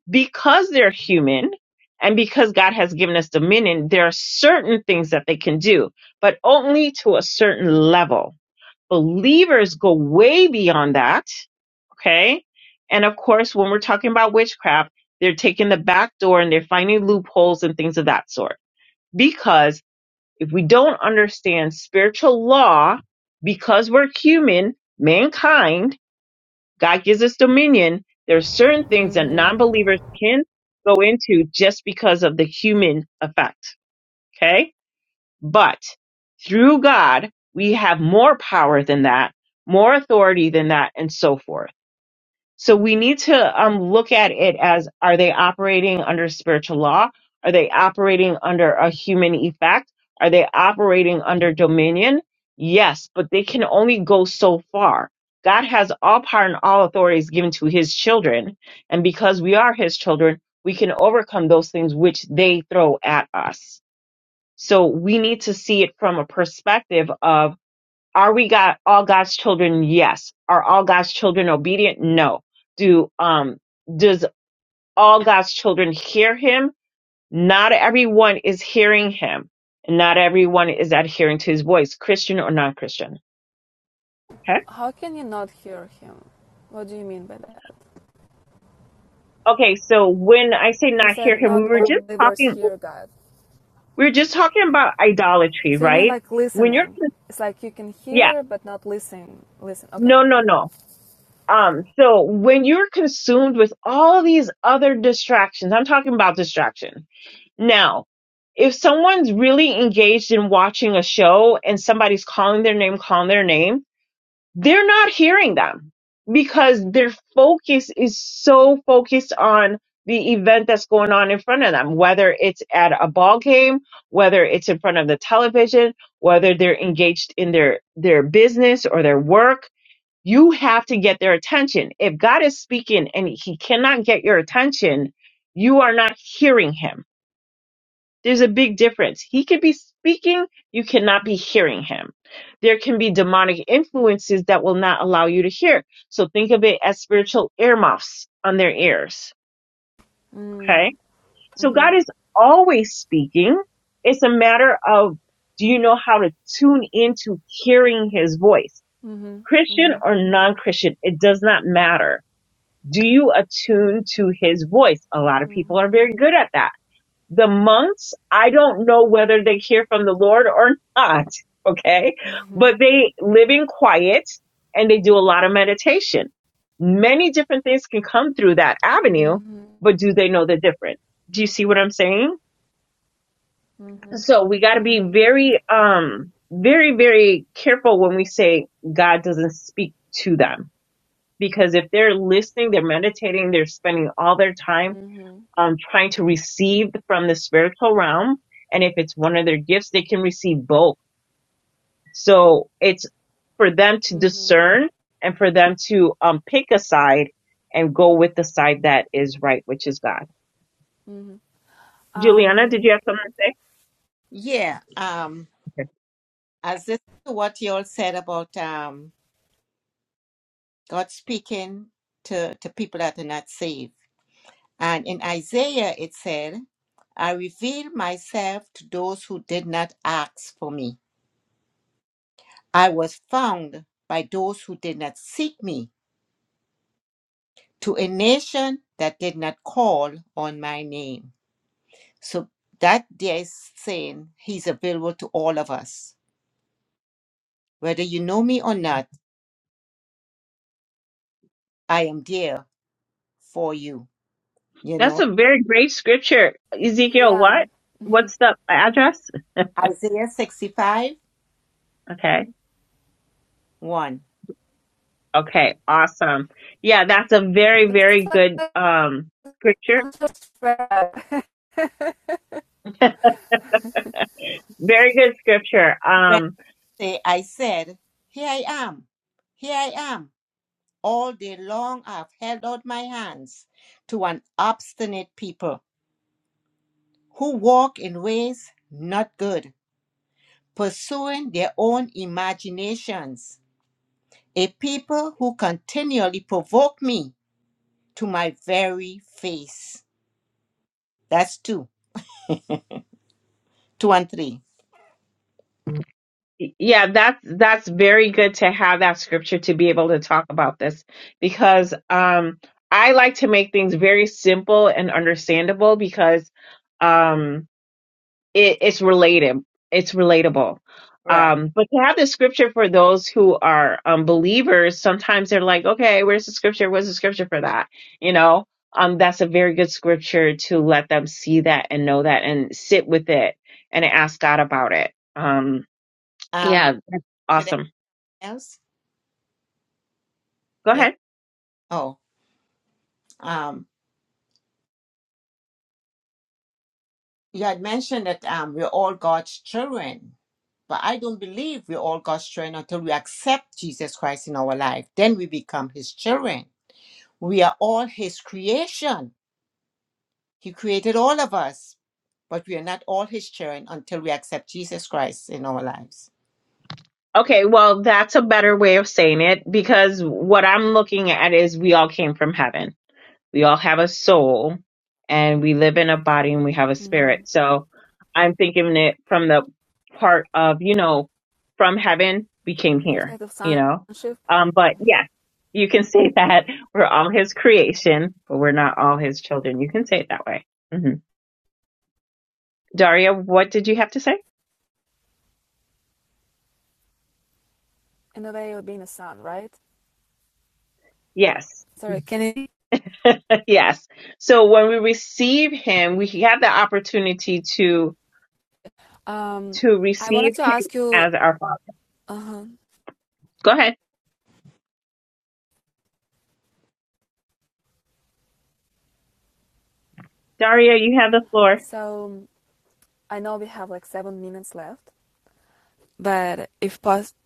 Speaker 2: because they're human. And because God has given us dominion, there are certain things that they can do, but only to a certain level Believers go way beyond that. Okay. And of course, when we're talking about witchcraft, they're taking the back door and they're finding loopholes and things of that sort. Because if we don't understand spiritual law, because we're human, mankind, God gives us dominion. There are certain things that non believers can go into just because of the human effect. Okay but through God, we have more power than that, more authority than that, and so forth. So we need to um, look at it as are they operating under spiritual law? Are they operating under a human effect? Are they operating under dominion? Yes, but they can only go so far. God has all power and all authorities given to his children. And because we are his children, we can overcome those things which they throw at us. So we need to see it from a perspective of are we got all God's children? Yes. Are all God's children obedient? No. Do um does all God's children hear him? Not everyone is hearing him. and Not everyone is adhering to his voice, Christian or non-Christian. Okay?
Speaker 1: How can you not hear him? What do you mean by that?
Speaker 2: Okay, so when I say
Speaker 1: You
Speaker 2: not hear
Speaker 1: said
Speaker 2: him, we
Speaker 1: not
Speaker 2: were
Speaker 1: all
Speaker 2: just
Speaker 1: believers
Speaker 2: talking
Speaker 1: hear God.
Speaker 2: we were just talking about idolatry,
Speaker 1: So you mean
Speaker 2: right?
Speaker 1: like
Speaker 2: When you're
Speaker 1: listening? It's like you can
Speaker 2: yeah,
Speaker 1: hear but not listen. Listen. Okay.
Speaker 2: no, no, no Um, so when you're consumed with all these other distractions, I'm talking about distraction. Now, if someone's really engaged in watching a show and somebody's calling their name, calling their name, they're not hearing them because their focus is so focused on the event that's going on in front of them, whether it's at a ball game, whether it's in front of the television, whether they're engaged in their, their business or their work you have to get their attention. If God is speaking and he cannot get your attention, you are not hearing him. There's a big difference. He could be speaking, you cannot be hearing him. There can be demonic influences that will not allow you to hear. So think of it as spiritual earmuffs on their ears. Okay. So God is always speaking. It's a matter of do you know how to tune into hearing his voice? Christian or non Christian, it does not matter Do you attune to his voice? A lot of people are very good at that. The monks, I don't know whether they hear from the Lord or <laughs> not. Okay. But they live in quiet and they do a lot of meditation. Many different things can come through that avenue, but do they know the difference? Do you see what I'm saying? So we got to be very, um, very, very careful when we say God doesn't speak to them because if they're listening, they're meditating, they're spending all their time um, trying to receive from the spiritual realm. And if it's one of their gifts, they can receive both. So it's for them to discern and for them to um, pick a side and go with the side that is right, which is God. Juliana,
Speaker 1: Um.
Speaker 2: did you have something to say?
Speaker 3: Yeah. Um
Speaker 2: Okay.
Speaker 3: as this to what you all said about um, God speaking to, to people that are not saved. And in Isaiah, it said, I revealed myself to those who did not ask for me. I was found by those who did not seek me, to a nation that did not call on my name. So that there is saying he's available to all of us. Whether you know me or not, I am there for you. You
Speaker 2: That's
Speaker 3: know,
Speaker 2: a very great scripture. Ezekiel,
Speaker 1: Yeah.
Speaker 2: what? What's the address?
Speaker 3: Isaiah 65
Speaker 2: Okay.
Speaker 3: 1.
Speaker 2: Okay. Awesome. Yeah, that's a very,
Speaker 1: It's
Speaker 2: very good
Speaker 1: like
Speaker 2: um, scripture. Very good scripture. Um,
Speaker 3: Wednesday, I said, Here I am, here I am. All day long I have held out my hands to an obstinate people who walk in ways not good, pursuing their own imaginations, a people who continually provoke me to my very face. That's 2. 2 and 3.
Speaker 2: yeah that's that's very good to have that scripture to be able to talk about this because um i like to make things very simple and understandable because um it, it's related it's relatable
Speaker 3: Right.
Speaker 2: um but to have the scripture for those who are um believers sometimes they're like okay where's the scripture where's the scripture for that you know um that's a very good scripture to let them see that and know that and sit with it and ask god about it um
Speaker 3: Um,
Speaker 2: yeah, that's
Speaker 3: could anyone
Speaker 2: awesome.
Speaker 3: else?
Speaker 2: Go
Speaker 3: Okay.
Speaker 2: ahead.
Speaker 3: Oh. um, You had mentioned that um, we're all God's children, but I don't believe we're all God's children until we accept Jesus Christ in our life. Then we become His children. We are all His creation. He created all of us, but we are not all His children until we accept Jesus Christ in our lives.
Speaker 2: Okay, well, that's a better way of saying it because what I'm looking at is we all came from heaven. We all have a soul and we live in a body and we have a
Speaker 1: mm-hmm.
Speaker 2: spirit. So I'm thinking it from the part of, you know, from heaven, we came here,
Speaker 1: Prospective
Speaker 2: you know?
Speaker 1: sonship.
Speaker 2: Um, but yeah, you can say <laughs> that we're all his creation, but we're not all his children. You can say it that way. hmm Daria, what did you have to say?
Speaker 1: In a way, of being a son, right?
Speaker 2: Yes.
Speaker 1: Sorry. Can you?
Speaker 2: Yes. So when we receive him, we have the opportunity to
Speaker 1: Um.
Speaker 2: to
Speaker 1: I wanted
Speaker 2: receive
Speaker 1: to
Speaker 2: him
Speaker 1: ask you.
Speaker 2: as our father. Go ahead. Daria, you have the floor.
Speaker 1: So I know we have like seven minutes left, but if possible,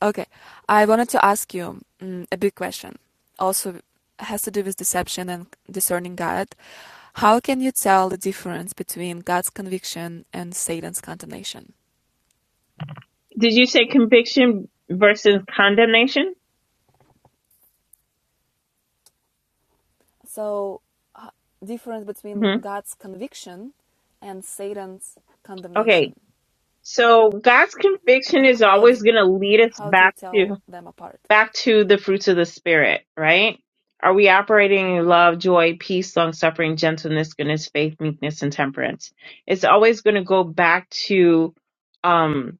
Speaker 1: okay, I wanted to ask you mm, a big question. Also, has to do with deception and discerning God. How can you tell the difference between God's conviction and Satan's condemnation?
Speaker 2: Did you say conviction versus condemnation?
Speaker 1: So, h- difference between
Speaker 2: hmm
Speaker 1: God's conviction and Satan's
Speaker 2: Okay.
Speaker 1: condemnation.
Speaker 2: So God's conviction is
Speaker 1: How do,
Speaker 2: always going to lead us
Speaker 1: how do you
Speaker 2: back to
Speaker 1: tell them apart?
Speaker 2: back to the fruits of the spirit, right? Are we operating in love, joy, peace, long suffering, gentleness, goodness, faith, meekness, and temperance? It's always going to go back to um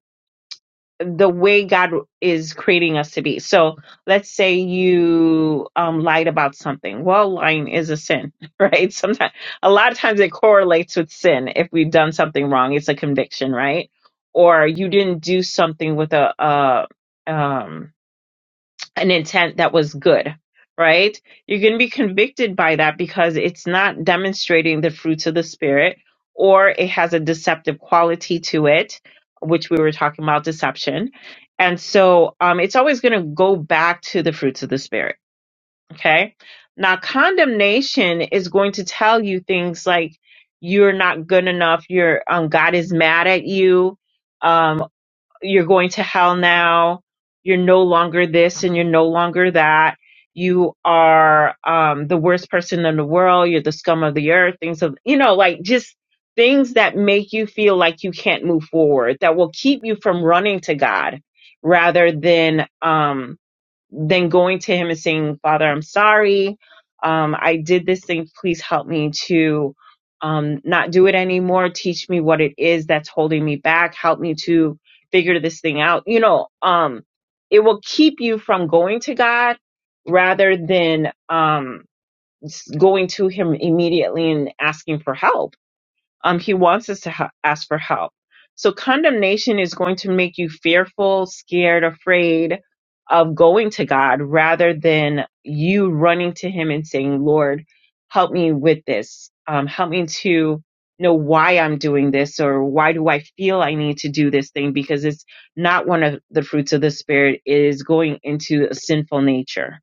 Speaker 2: the way God is creating us to be. So let's say you um, lied about something. Well, lying is a sin, <laughs> right? Sometimes, a lot of times it correlates with sin. If we've done something wrong, it's a conviction, right? Or you didn't do something with a, uh um, an intent that was good, right? You're going to be convicted by that because it's not demonstrating the fruits of the Spirit or it has a deceptive quality to it, which we were talking about deception. And so um, it's always going to go back to the fruits of the Spirit, okay? Now, condemnation is going to tell you things like you're not good enough, you're, um, God is mad at you. Um, you're going to hell now. You're no longer this and you're no longer that. You are um, the worst person in the world. You're the scum of the earth. Things of, you know, like just things that make you feel like you can't move forward, that will keep you from running to God rather than um, than going to him and saying, Father, I'm sorry. Um, I did this thing. Please help me to um, not do it anymore. Teach me what it is that's holding me back. Help me to figure this thing out. You know, um, it will keep you from going to God rather than um, s- going to Him immediately and asking for help um, he wants us to ha- ask for help. So condemnation is going to make you fearful, scared, afraid of going to God rather than you running to Him and saying, Lord, help me with this. Um, help me to know why I'm doing this or why do I feel I need to do this thing because it's not one of the fruits of the Spirit. It is going into a sinful nature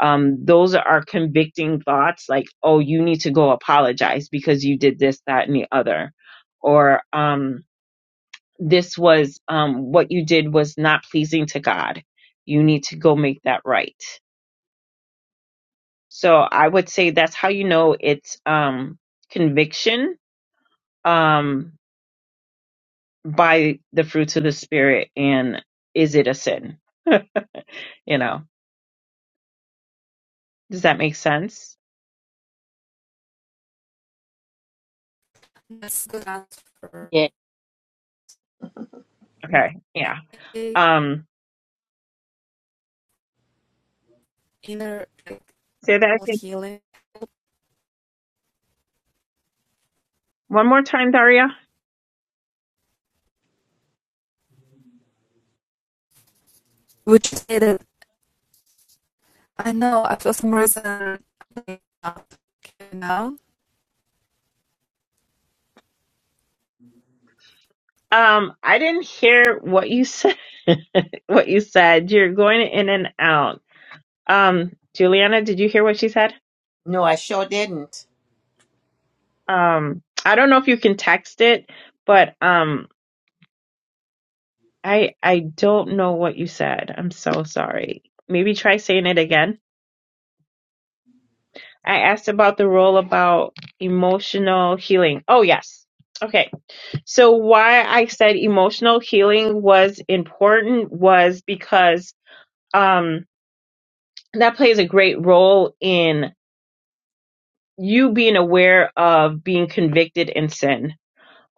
Speaker 2: um, those are convicting thoughts like, oh, you need to go apologize because you did this, that, and the other. Or um, this was um, what you did was not pleasing to God. You need to go make that right. So I would say that's how you know it's um, conviction um, by the fruits of the Spirit and is it a sin? <laughs> you know, does that make sense?
Speaker 1: That's a good answer.
Speaker 3: Yeah.
Speaker 2: Okay. Yeah.
Speaker 1: Okay.
Speaker 2: Um,
Speaker 1: Inner
Speaker 2: say that again.
Speaker 1: healing.
Speaker 2: one more time, Daria.
Speaker 1: Would you say that I know, uh, for some reason, you know.
Speaker 2: Um, I didn't hear what you said. <laughs> what you said. You're going in and out. Um, Juliana, did you hear what she said?
Speaker 3: No, I sure didn't.
Speaker 2: Um, I don't know if you can text it, but um, I I don't know what you said. I'm so sorry. Maybe try saying it again. I asked about the role about emotional healing. Oh, yes. Okay. So why I said emotional healing was important was because um that plays a great role in you being aware of being convicted in sin,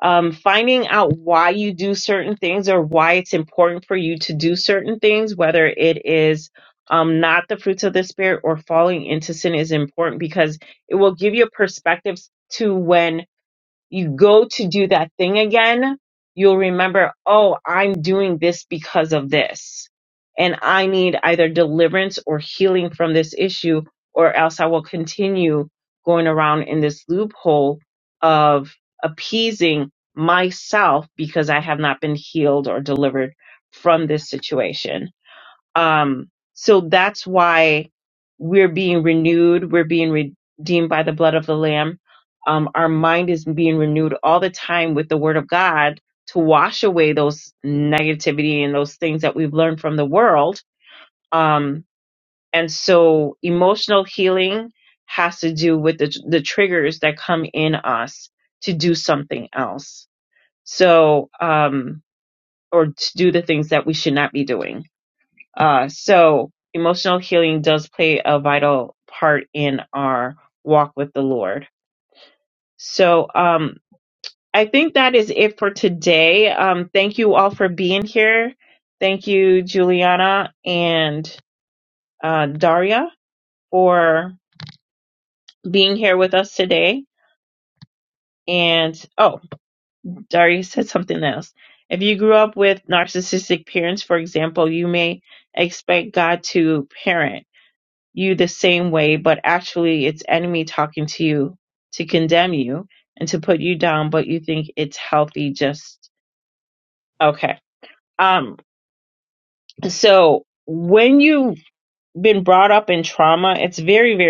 Speaker 2: um, finding out why you do certain things or why it's important for you to do certain things, whether it is um, not the fruits of the spirit or falling into sin is important because it will give you a perspective to when you go to do that thing again, you'll remember, oh, I'm doing this because of this. And I need either deliverance or healing from this issue, or else I will continue going around in this loophole of appeasing myself because I have not been healed or delivered from this situation. Um, so that's why we're being renewed. We're being redeemed by the blood of the Lamb. Um, our mind is being renewed all the time with the Word of God to wash away those negativity and those things that we've learned from the world. Um, and so emotional healing has to do with the, the triggers that come in us to do something else. So, um, or to do the things that we should not be doing. Uh, so emotional healing does play a vital part in our walk with the Lord. So um, I think that is it for today. Um, thank you all for being here. Thank you, Juliana and uh, Daria, for being here with us today. And oh, Daria said something else. If you grew up with narcissistic parents, for example, you may expect God to parent you the same way, but actually it's enemy talking to you to condemn you and to put you down, but you think it's healthy just okay. Um so when you've been brought up in trauma, it's very, very